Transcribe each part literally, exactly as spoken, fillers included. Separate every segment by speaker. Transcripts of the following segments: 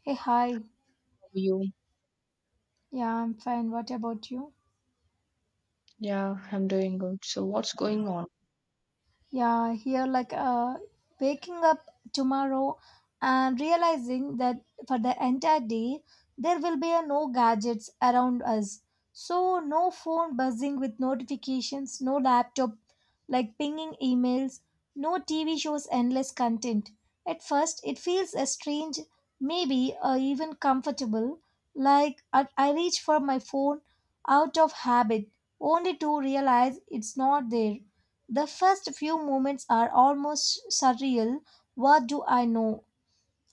Speaker 1: Hey, hi.
Speaker 2: You?
Speaker 1: Yeah, I'm fine. What about you?
Speaker 2: Yeah, I'm doing good. So, what's going on?
Speaker 1: Yeah, here like uh, waking up tomorrow and realizing that for the entire day there will be a no gadgets around us. So no phone buzzing with notifications, no laptop like pinging emails, no T V shows endless content. At first it feels a strange, maybe uh, even comfortable. Like I I reach for my phone out of habit, only to realize it's not there. The first few moments are almost surreal. What do I know?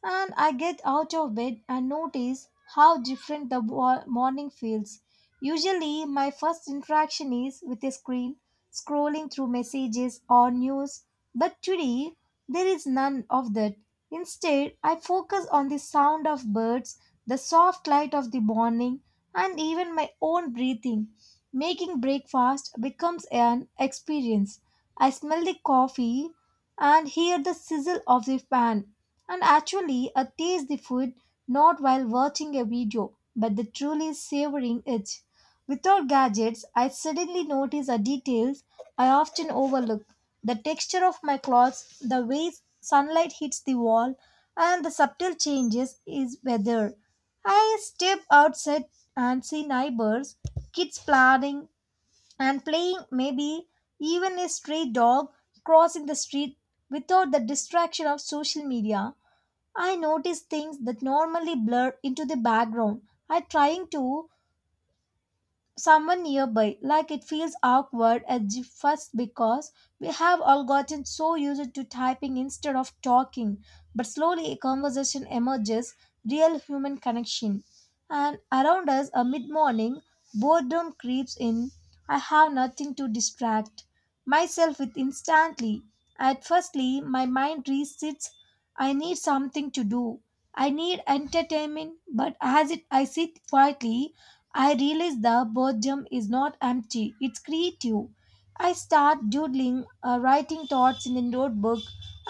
Speaker 1: And I get out of bed and notice how different the wa- morning feels. Usually, my first interaction is with a screen, scrolling through messages or news, but today there is none of that. Instead, I focus on the sound of birds, the soft light of the morning, and even my own breathing. Making breakfast becomes an experience. I smell the coffee and hear the sizzle of the pan and actually uh, taste the food not while watching a video but the truly savoring it. Without gadgets, I suddenly notice the details I often overlook the texture of my clothes, the way sunlight hits the wall, and the subtle changes is weather. I step outside and see neighbors, kids playing and playing, maybe even a stray dog crossing the street without the distraction of social media I notice things that normally blur into the background. I trying to someone nearby, like it feels awkward at the first because we have all gotten so used to typing instead of talking. But slowly a conversation emerges, real human connection. And around us, a mid morning, boredom creeps in. I have nothing to distract myself with instantly. At firstly, my mind resits. I need something to do. I need entertainment, but as it I sit quietly, I realize the boredom is not empty, it's creative. I start doodling, uh, writing thoughts in a notebook,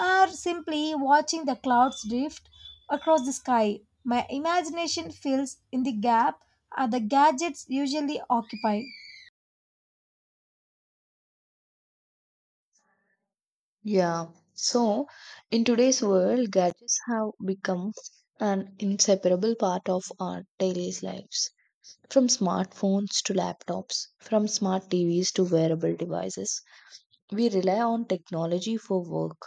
Speaker 1: or simply watching the clouds drift across the sky. My imagination fills in the gap uh, the gadgets usually occupy.
Speaker 2: Yeah. So, in today's world, gadgets have become an inseparable part of our daily lives. From smartphones to laptops, from smart T Vs to wearable devices, we rely on technology for work,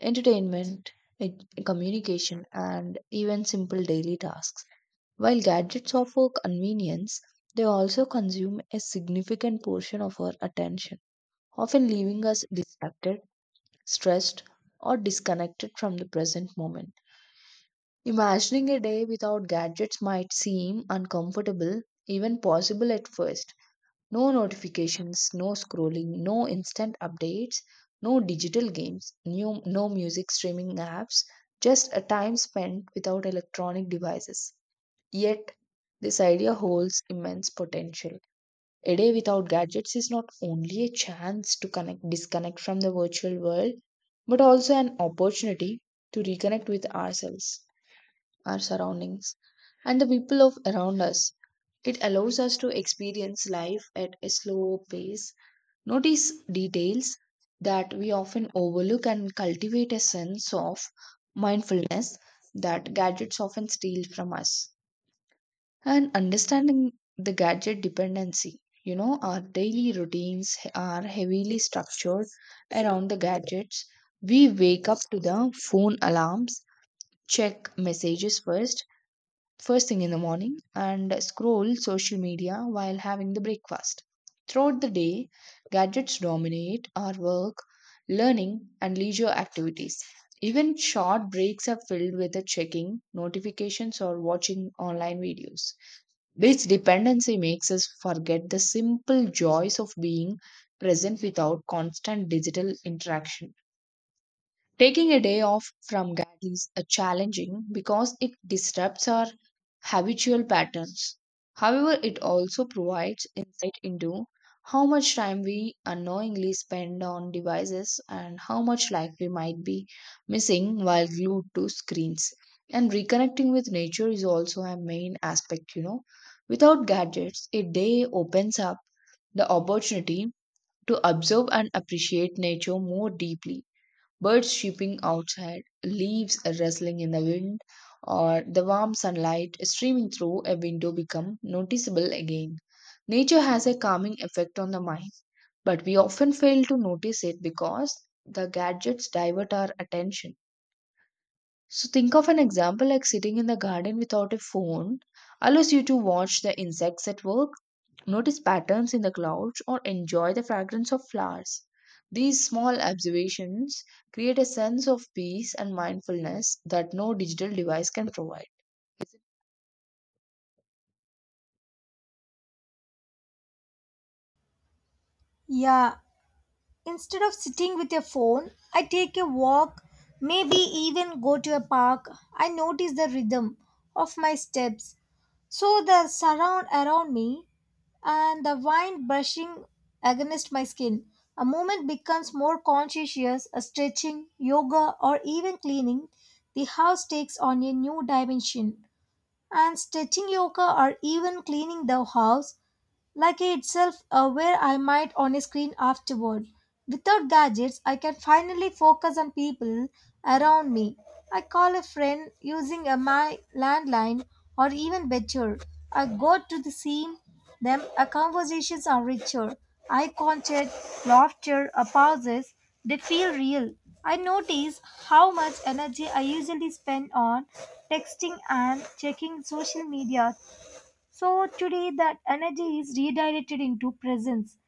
Speaker 2: entertainment, ed- communication, and even simple daily tasks. While gadgets offer convenience, they also consume a significant portion of our attention, often leaving us distracted, stressed, or disconnected from the present moment. Imagining a day without gadgets might seem uncomfortable, even possible at first. No notifications, no scrolling, no instant updates, no digital games, new, no music streaming apps, just a time spent without electronic devices. Yet, this idea holds immense potential. A day without gadgets is not only a chance to connect disconnect from the virtual world but also an opportunity to reconnect with ourselves, our surroundings, and the people of around us. It allows us to experience life at a slow pace, notice details that we often overlook, and cultivate a sense of mindfulness that gadgets often steal from us, and understanding the gadget dependency. You know, our daily routines are heavily structured around the gadgets. We wake up to the phone alarms, check messages first, first thing in the morning, and scroll social media while having the breakfast. Throughout the day, gadgets dominate our work, learning, and leisure activities. Even short breaks are filled with the checking, notifications, or watching online videos. This dependency makes us forget the simple joys of being present without constant digital interaction. Taking a day off from G A D is uh, challenging because it disrupts our habitual patterns. However, it also provides insight into how much time we unknowingly spend on devices and how much life we might be missing while glued to screens. And reconnecting with nature is also a main aspect, you know. Without gadgets, a day opens up the opportunity to observe and appreciate nature more deeply, birds chirping outside, leaves rustling in the wind, or the warm sunlight streaming through a window become noticeable again. Nature has a calming effect on the mind, but we often fail to notice it because the gadgets divert our attention. So, think of an example like sitting in the garden without a phone allows you to watch the insects at work, notice patterns in the clouds, or enjoy the fragrance of flowers. These small observations create a sense of peace and mindfulness that no digital device can provide.
Speaker 1: Yeah, instead of sitting with your phone, I take a walk, maybe even go to a park. I notice the rhythm of my steps. So the surround around me and the wind brushing against my skin. A movement becomes more conscientious, a stretching, yoga, or even cleaning. The house takes on a new dimension. And stretching yoga or even cleaning the house Lucky itself, uh, where I might on a screen afterward. Without gadgets, I can finally focus on people around me. I call a friend using a my landline, or even better, I go to the scene. Then our conversations are richer. Eye contact, laughter, or pauses, they feel real. I notice how much energy I usually spend on texting and checking social media so today that energy is redirected into presence.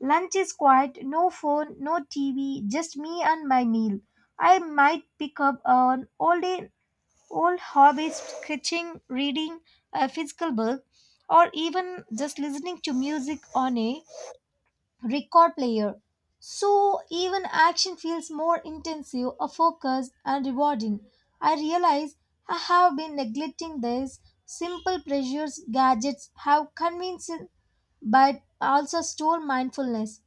Speaker 1: Lunch is quiet, no phone, no T V, just me and my meal. I might pick up an old old hobby, sketching, reading a physical book, or even just listening to music on a record player. So even action feels more intensive, a focused and rewarding. I realize I have been neglecting this. Simple pleasures gadgets have convinced but also stole mindfulness.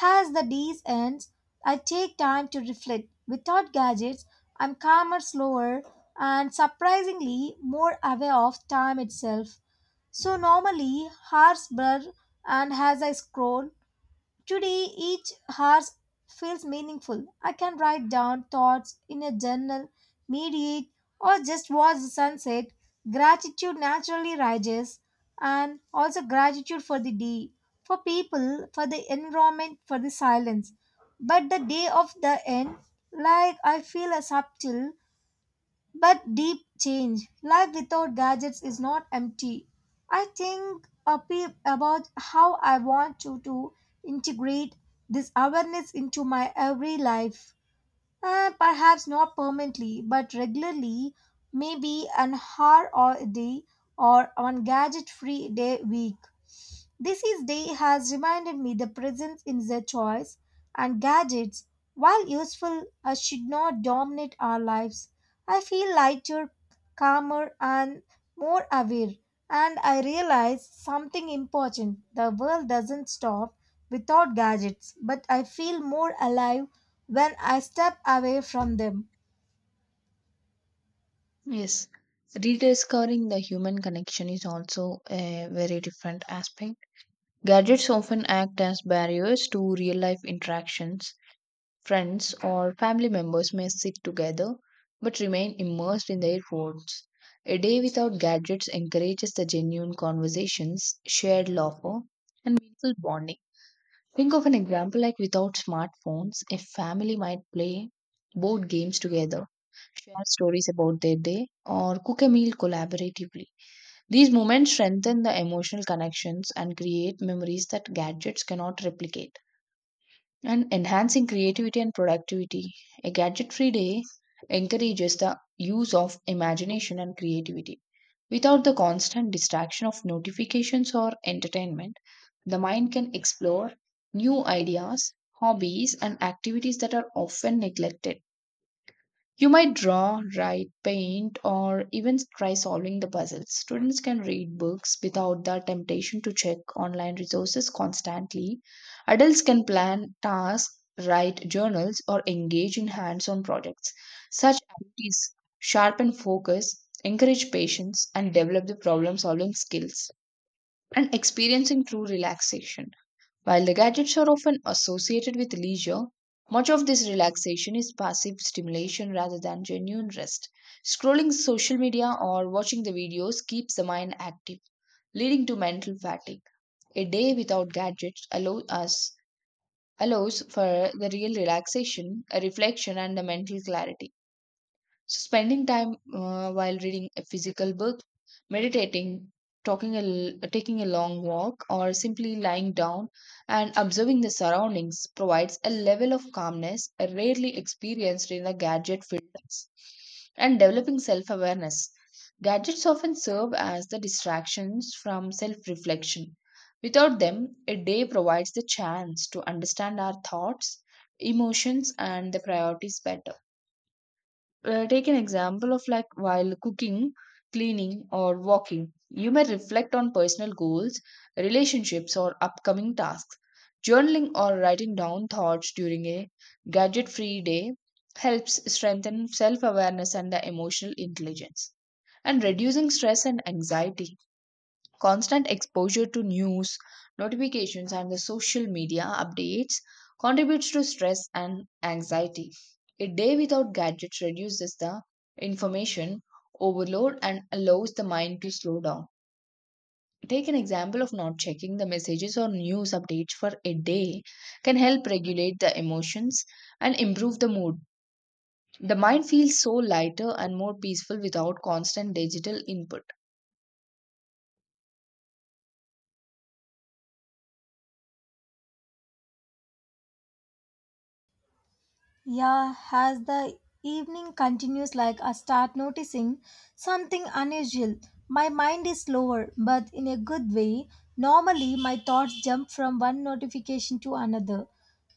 Speaker 1: As the days ends, I take time to reflect. Without gadgets, I'm calmer, slower, and surprisingly more aware of time itself. So normally hours blur and as I scroll, today, each hour feels meaningful. I can write down thoughts in a journal, meditate, or just watch the sunset. Gratitude naturally rises, and also gratitude for the day, for people, for the environment, for the silence. But the day of the end, like I feel a subtle but deep change. Life without gadgets is not empty. I think a bit about how I want to, to integrate this awareness into my every life. Uh, perhaps not permanently, but regularly, maybe an hour or a day or one gadget free day week. This is day has reminded me the presence in the choice and gadgets, while useful, uh, should not dominate our lives. I feel lighter, calmer, and more aware, and I realize something important. The world doesn't stop without gadgets, but I feel more alive when I step away from them.
Speaker 2: Yes, rediscovering the human connection is also a very different aspect. Gadgets often act as barriers to real life interactions. Friends or family members may sit together but remain immersed in their phones. A day without gadgets encourages the genuine conversations, shared laughter, and meaningful bonding. Think of an example like without smartphones, a family might play board games together, share stories about their day, or cook a meal collaboratively. These moments strengthen the emotional connections and create memories that gadgets cannot replicate, and enhancing creativity and productivity. A gadget free day encourages the use of imagination and creativity. Without the constant distraction of notifications or entertainment, the mind can explore new ideas, hobbies, and activities that are often neglected. You might draw, write, paint, or even try solving the puzzles. Students can read books without the temptation to check online resources constantly. Adults can plan tasks, write journals, or engage in hands on projects. Such activities sharpen focus, encourage patience, and develop the problem solving skills, and experiencing true relaxation. While the gadgets are often associated with leisure, much of this relaxation is passive stimulation rather than genuine rest. Scrolling social media or watching the videos keeps the mind active, leading to mental fatigue. A day without gadgets allows us, allows for the real relaxation, a reflection and the mental clarity. So, spending time uh, while reading a physical book, meditating, talking a, l- taking a long walk, or simply lying down and observing the surroundings provides a level of calmness uh, rarely experienced in a gadget filled lives. And developing self awareness. Gadgets often serve as the distractions from self reflection. Without them, a day provides the chance to understand our thoughts, emotions, and the priorities better. Uh, take an example of like while cooking, cleaning, or walking, you may reflect on personal goals, relationships, or upcoming tasks. Journaling or writing down thoughts during a gadget free day helps strengthen self awareness and the emotional intelligence, and reducing stress and anxiety. Constant exposure to news, notifications, and the social media updates contributes to stress and anxiety. A day without gadgets reduces the information overload and allows the mind to slow down. Take an example of not checking the messages or news updates for a day can help regulate the emotions and improve the mood. The mind feels so lighter and more peaceful without constant digital input.
Speaker 1: Yeah, as the evening continues, like I start noticing something unusual. My mind is slower, but in a good way. Normally, my thoughts jump from one notification to another,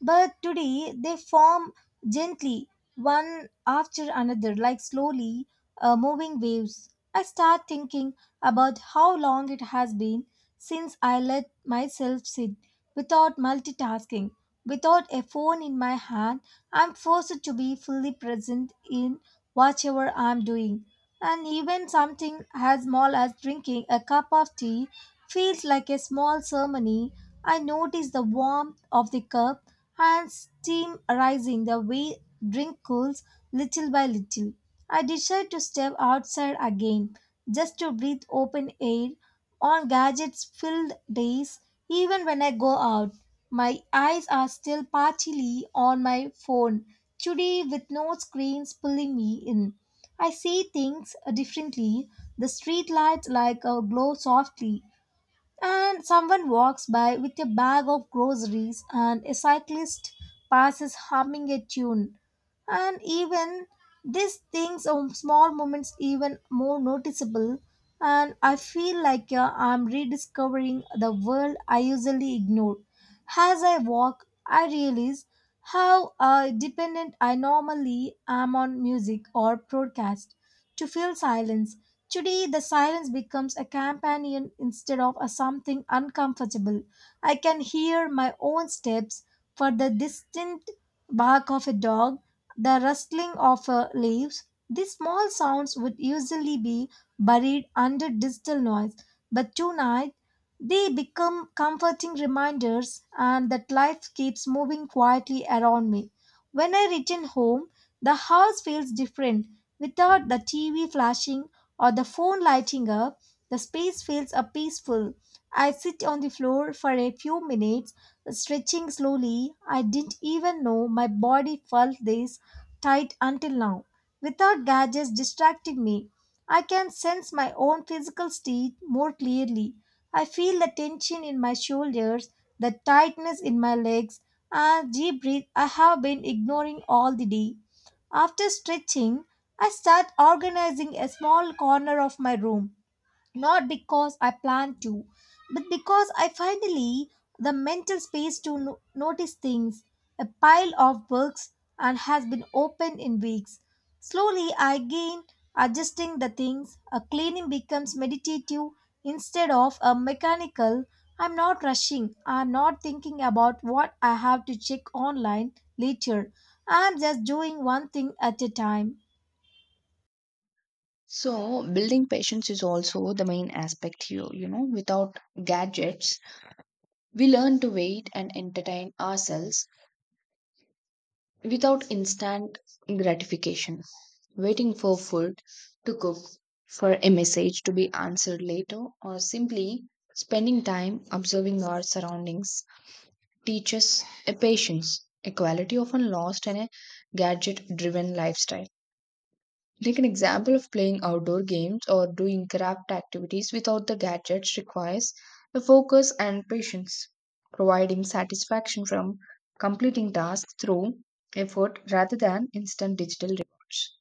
Speaker 1: but today they form gently, one after another, like slowly uh, moving waves. I start thinking about how long it has been since I let myself sit without multitasking, without a phone in my hand I'm forced to be fully present in whatever I'm doing. And even something as small as drinking a cup of tea feels like a small ceremony. I notice the warmth of the cup and steam rising the way drink cools little by little. I decide to step outside again just to breathe open air on gadgets filled days. Even when I go out, my eyes are still partially on my phone. Today, with no screens pulling me in, I see things differently. The street lights like uh, glow softly, and someone walks by with a bag of groceries and a cyclist passes humming a tune and even these things or small moments even more noticeable and I feel like uh, I'm rediscovering the world I usually ignore as I walk I realize how uh, dependent I normally am on music or broadcast to feel silence today, the silence becomes a companion instead of a something uncomfortable. I can hear my own steps for the distant bark of a dog, the rustling of uh, leaves. These small sounds would usually be buried under digital noise, but tonight they become comforting reminders and that life keeps moving quietly around me. When I return home, the house feels different. Without the T V flashing or the phone lighting up, the space feels uh, peaceful. I sit on the floor for a few minutes, stretching slowly. I didn't even know my body felt this tight until now. Without gadgets distracting me, I can sense my own physical state more clearly. I feel the tension in my shoulders, the tightness in my legs, Ah, deep breath. I have been ignoring all the day. After stretching, I start organizing a small corner of my room not because I plan to, but because I finally the mental space to no- notice things. A pile of books and has been open in weeks. Slowly I gain adjusting the things. A cleaning becomes meditative instead of a mechanical. I'm not rushing. I'm not thinking about what I have to check online later. I'm just doing one thing at a time.
Speaker 2: So, building patience is also the main aspect here. You know, without gadgets, we learn to wait and entertain ourselves without instant gratification. Waiting for food to cook, for a message to be answered later, or simply spending time observing our surroundings teaches a patience, a quality often lost in a gadget driven lifestyle. Take an example of playing outdoor games or doing craft activities without the gadgets requires the focus and patience, providing satisfaction from completing tasks through effort rather than instant digital rewards.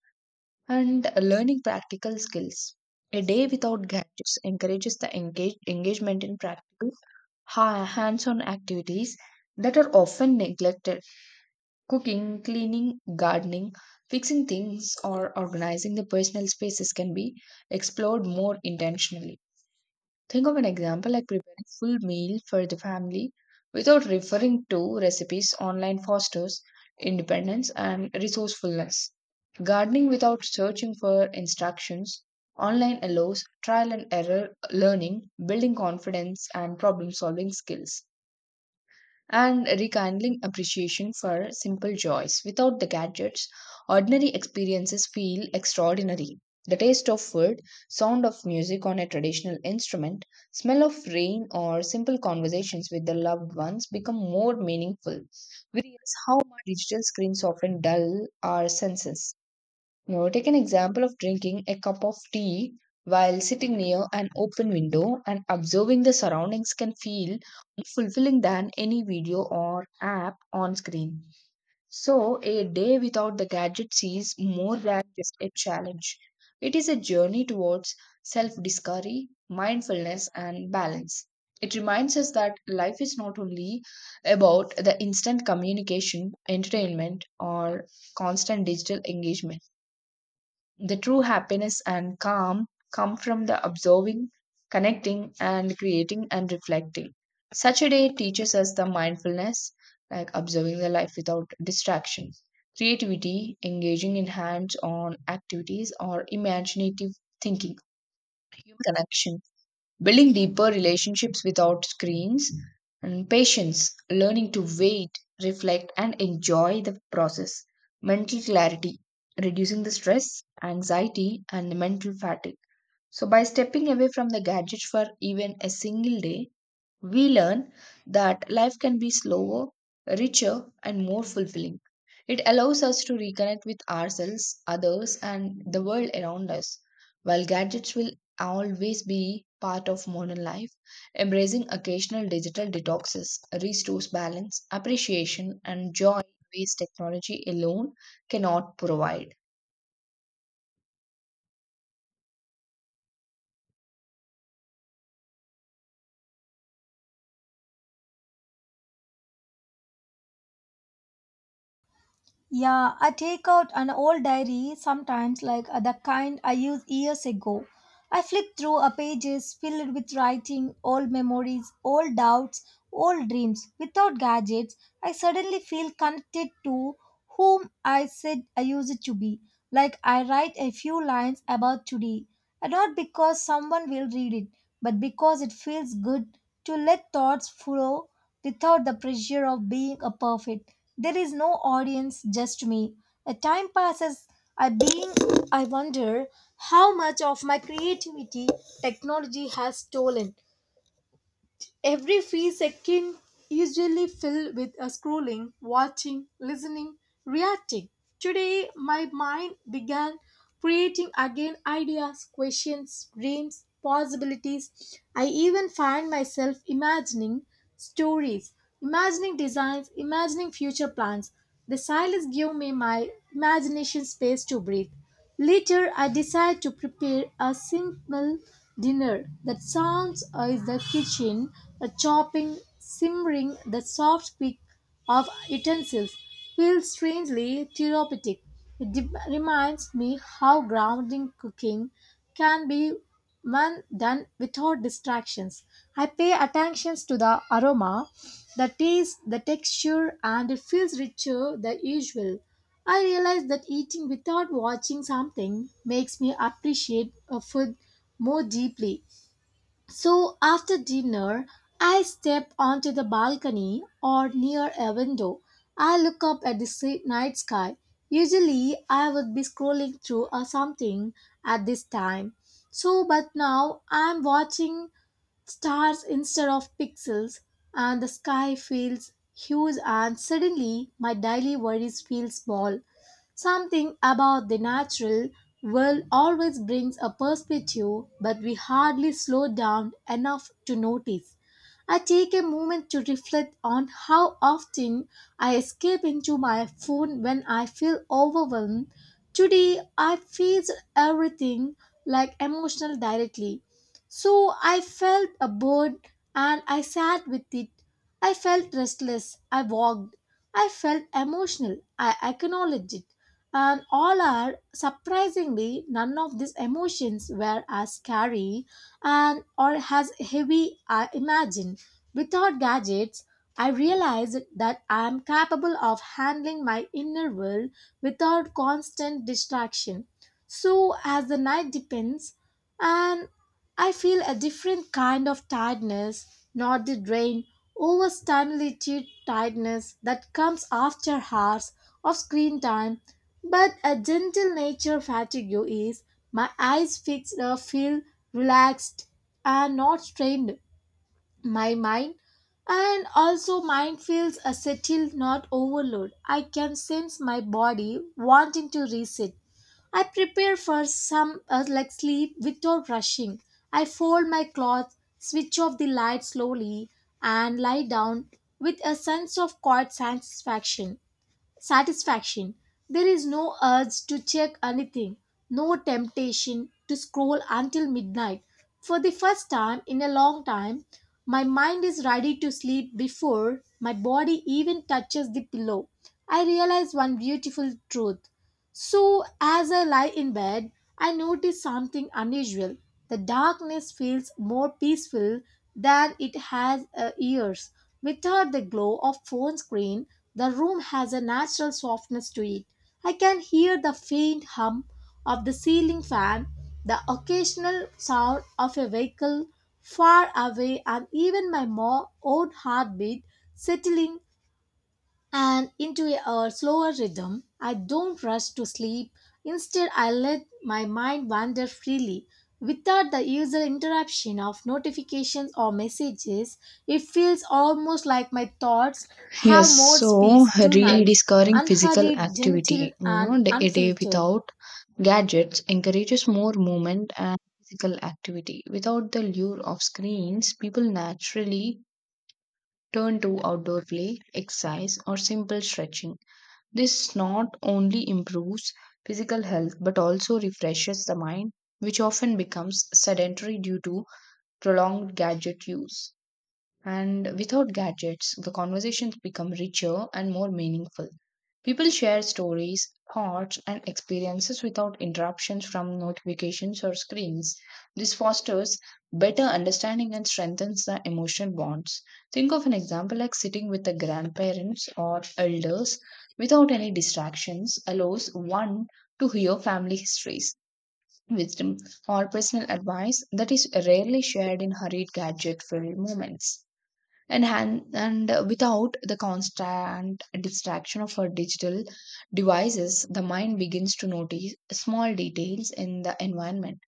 Speaker 2: And learning practical skills. A day without gadgets encourages the engage- engagement in practical ha- hands on activities that are often neglected. Cooking, cleaning, gardening, fixing things, or organizing the personal spaces can be explored more intentionally. Think of an example like preparing full meal for the family without referring to recipes online fosters independence and resourcefulness. Gardening without searching for instructions online allows trial and error learning, building confidence and problem solving skills, and rekindling appreciation for simple joys. Without the gadgets, ordinary experiences feel extraordinary. The taste of food, sound of music on a traditional instrument, smell of rain, or simple conversations with the loved ones become more meaningful. We realize how much digital screens often dull our senses. Now, take an example of drinking a cup of tea while sitting near an open window and observing the surroundings can feel more fulfilling than any video or app on screen. So, a day without the gadgets is more than just a challenge. It is a journey towards self discovery, mindfulness, and balance. It reminds us that life is not only about the instant communication, entertainment, or constant digital engagement. The true happiness and calm come from the observing, connecting, and creating and reflecting. Such a day teaches us the mindfulness, like observing the life without distraction, creativity, engaging in hands on activities, or imaginative thinking, human connection, building deeper relationships without screens, and patience, learning to wait, reflect, and enjoy the process, mental clarity, reducing the stress, anxiety, and mental fatigue. So, by stepping away from the gadget for even a single day, we learn that life can be slower, richer, and more fulfilling. It allows us to reconnect with ourselves, others, and the world around us. While gadgets will always be part of modern life, embracing occasional digital detoxes restores balance, appreciation, and joy in ways technology alone cannot provide.
Speaker 1: Yeah, I take out an old diary sometimes, like uh, the kind I used years ago. I flip through a pages filled with writing, old memories, old doubts, old dreams. Without gadgets, I suddenly feel connected to whom I said I used to be. Like I write a few lines about today, and not because someone will read it, but because it feels good to let thoughts flow without the pressure of being a perfect. There is no audience, just me. A time passes. I being I wonder how much of my creativity technology has stolen. Every few seconds usually filled with a scrolling, watching, listening, reacting. Today my mind began creating again ideas, questions, dreams, possibilities. I even find myself imagining stories, imagining designs, imagining future plans. The silence gave me my imagination space to breathe. Later, I decide to prepare a simple dinner that sounds in the kitchen, the chopping, simmering, the soft click of utensils feels strangely therapeutic. It de- reminds me how grounding cooking can be when done without distractions. I pay attention to the aroma, the taste, the texture, and it feels richer than usual. I realize that eating without watching something makes me appreciate a food more deeply. So after dinner, I step onto the balcony or near a window. I look up at the si- night sky. Usually, I would be scrolling through or something at this time. So, but now I'm watching stars instead of pixels, and the sky feels huge, and suddenly my daily worries feel small. Something about the natural world always brings a perspective, but we hardly slow down enough to notice. I take a moment to reflect on how often I escape into my phone when I feel overwhelmed. Today, I faced everything like emotional directly. So I felt a bored and I sat with it. I felt restless. I walked. I felt emotional. I acknowledged it, and all are surprisingly none of these emotions were as scary and or as heavy I imagined. Without gadgets, I realized that I am capable of handling my inner world without constant distraction. So as the night deepens and I feel a different kind of tiredness, not the drain, overstimulated tiredness that comes after hours of screen time, but a gentle nature fatigue is my eyes fixed uh, feel relaxed and not strained. My mind and also mind feels a settled not overload. I can sense my body wanting to reset. I prepare for some uh, like sleep without rushing. I fold my cloth, switch off the light slowly, and lie down with a sense of quiet satisfaction satisfaction. There is no urge to check anything, no temptation to scroll until midnight. For the first time in a long time, my mind is ready to sleep before my body even touches the pillow. I realize one beautiful truth. So, as I lie in bed, I notice something unusual. The darkness feels more peaceful than it has uh, years. Without the glow of phone screen, the room has a natural softness to it. I can hear the faint hum of the ceiling fan, the occasional sound of a vehicle far away, and even my mo- own heartbeat settling and into a slower rhythm. I don't rush to sleep. Instead, I let my mind wander freely. Without the usual interruption of notifications or messages, it feels almost like my thoughts
Speaker 2: Yes,
Speaker 1: have more
Speaker 2: so
Speaker 1: space tonight,
Speaker 2: rediscovering physical
Speaker 1: unhurried, gentle,
Speaker 2: activity, you
Speaker 1: and
Speaker 2: know, the- a day
Speaker 1: unfiltered.
Speaker 2: without gadgets encourages more movement and physical activity. Without the lure of screens, people naturally turn to outdoor play, exercise, or simple stretching. This not only improves physical health but also refreshes the mind, which often becomes sedentary due to prolonged gadget use. And without gadgets, the conversations become richer and more meaningful. People share stories, thoughts, and experiences without interruptions from notifications or screens. This fosters better understanding and strengthens the emotional bonds. Think of an example like sitting with the grandparents or elders without any distractions allows one to hear family histories, wisdom, or personal advice that is rarely shared in hurried gadget filled moments. And han- and uh, without the constant distraction of our digital devices, the mind begins to notice small details in the environment,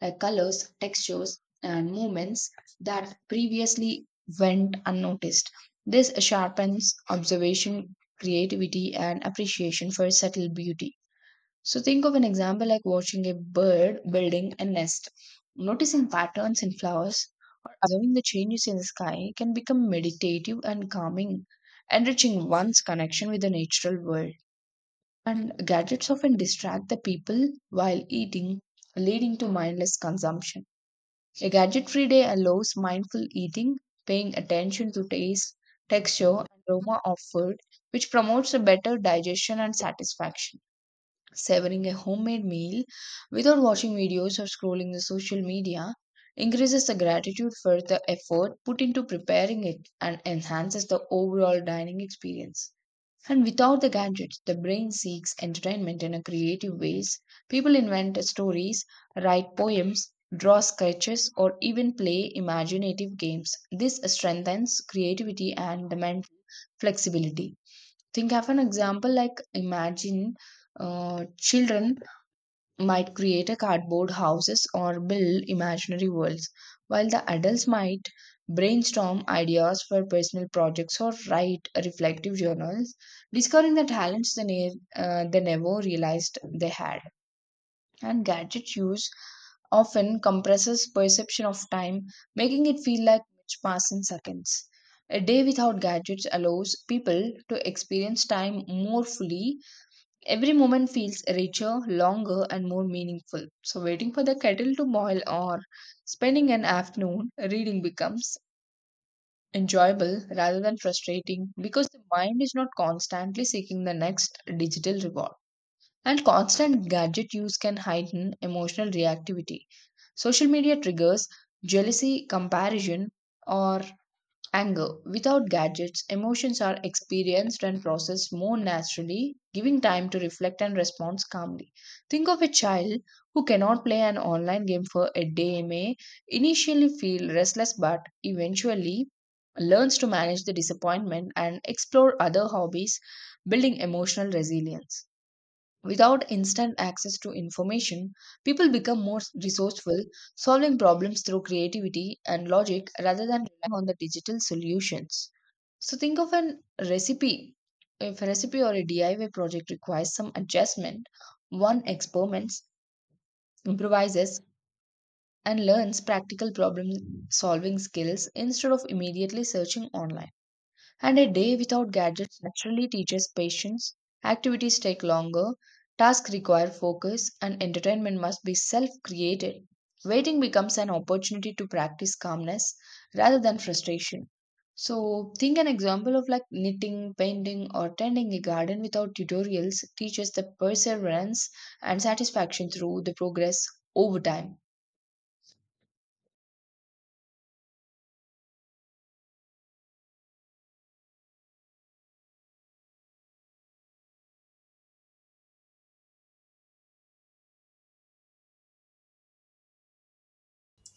Speaker 2: like colors, textures and movements that previously went unnoticed. This sharpens observation, creativity and appreciation for subtle beauty. So, think of an example like watching a bird building a nest. Noticing patterns in flowers or observing the changes in the sky can become meditative and calming, enriching one's connection with the natural world. And gadgets often distract the people while eating, leading to mindless consumption. A gadget free day allows mindful eating, paying attention to taste, texture, and aroma of food, which promotes a better digestion and satisfaction. Savoring a homemade meal without watching videos or scrolling the social media increases the gratitude for the effort put into preparing it and enhances the overall dining experience. And without the gadgets, the brain seeks entertainment in a creative ways. People invent stories, write poems, draw sketches, or even play imaginative games. This strengthens creativity and the mental flexibility. Think of an example like imagine uh, children might create a cardboard houses or build imaginary worlds, while the adults might brainstorm ideas for personal projects or write reflective journals, discovering the talents they, ne- uh, they never realized they had. And gadget use often compresses perception of time, making it feel like minutes pass in seconds. A day without gadgets allows people to experience time more fully. Every moment feels richer, longer, and more meaningful. So, waiting for the kettle to boil or spending an afternoon reading becomes enjoyable rather than frustrating because the mind is not constantly seeking the next digital reward. And constant gadget use can heighten emotional reactivity. Social media triggers jealousy, comparison, or anger. Without gadgets, emotions are experienced and processed more naturally, giving time to reflect and respond calmly. Think of a child who cannot play an online game for a day may initially feel restless but eventually learns to manage the disappointment and explore other hobbies, building emotional resilience. Without instant access to information, people become more resourceful, solving problems through creativity and logic rather than relying on the digital solutions. So, think of an recipe. If a recipe or a D I Y project requires some adjustment, one experiments, improvises, and learns practical problem solving skills instead of immediately searching online. And a day without gadgets naturally teaches patience. Activities take longer, tasks require focus, and entertainment must be self created. Waiting becomes an opportunity to practice calmness rather than frustration. So, think an example of like knitting, painting, or tending a garden without tutorials teaches the perseverance and satisfaction through the progress over time.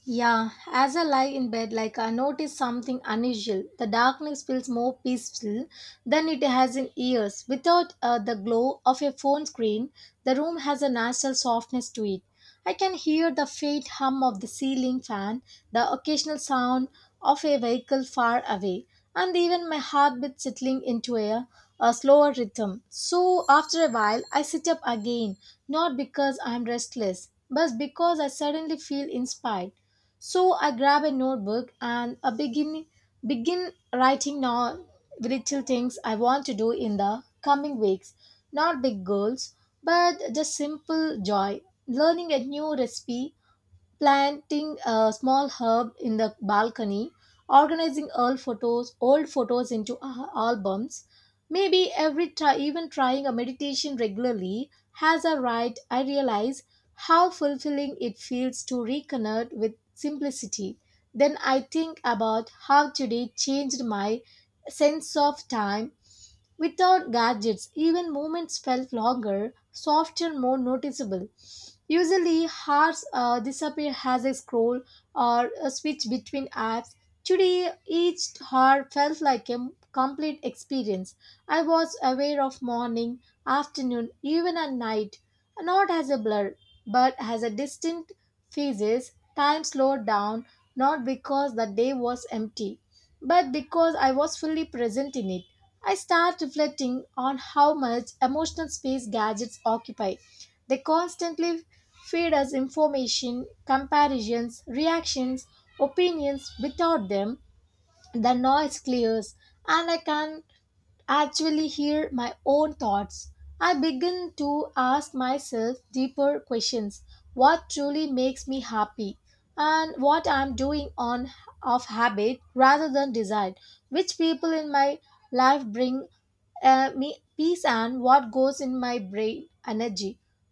Speaker 1: Yeah, as I lie in bed, like I notice something unusual. The darkness feels more peaceful than it has in years. Without uh, the glow of a phone screen, the room has a natural softness to it. I can hear the faint hum of the ceiling fan, the occasional sound of a vehicle far away, and even my heartbeat settling into a, a slower rhythm. So after a while, I sit up again, not because I'm restless, but because I suddenly feel inspired. So I grab a notebook and I begin begin writing now little things I want to do in the coming weeks. Not big goals, but just simple joy. Learning a new recipe, planting a small herb in the balcony, organizing old photos, old photos into a- albums. Maybe every try, even trying a meditation regularly has a right. I realize how fulfilling it feels to reconnect with simplicity. Then I think about how today changed my sense of time. Without gadgets, even moments felt longer, softer, more noticeable. Usually, hours uh, disappear as I scroll or uh, switch between apps. Today, each hour felt like a complete experience. I was aware of morning, afternoon, even at night, not as a blur, but as a distinct phases. Time slowed down, not because the day was empty, but because I was fully present in it. I start reflecting on how much emotional space gadgets occupy. They constantly feed us information, comparisons, reactions, opinions. Without them, the noise clears and I can actually hear my own thoughts. I begin to ask myself deeper questions. What truly makes me happy and what I am doing on of habit rather than desire, which people in my life bring uh, me peace, and what goes in my brain energy.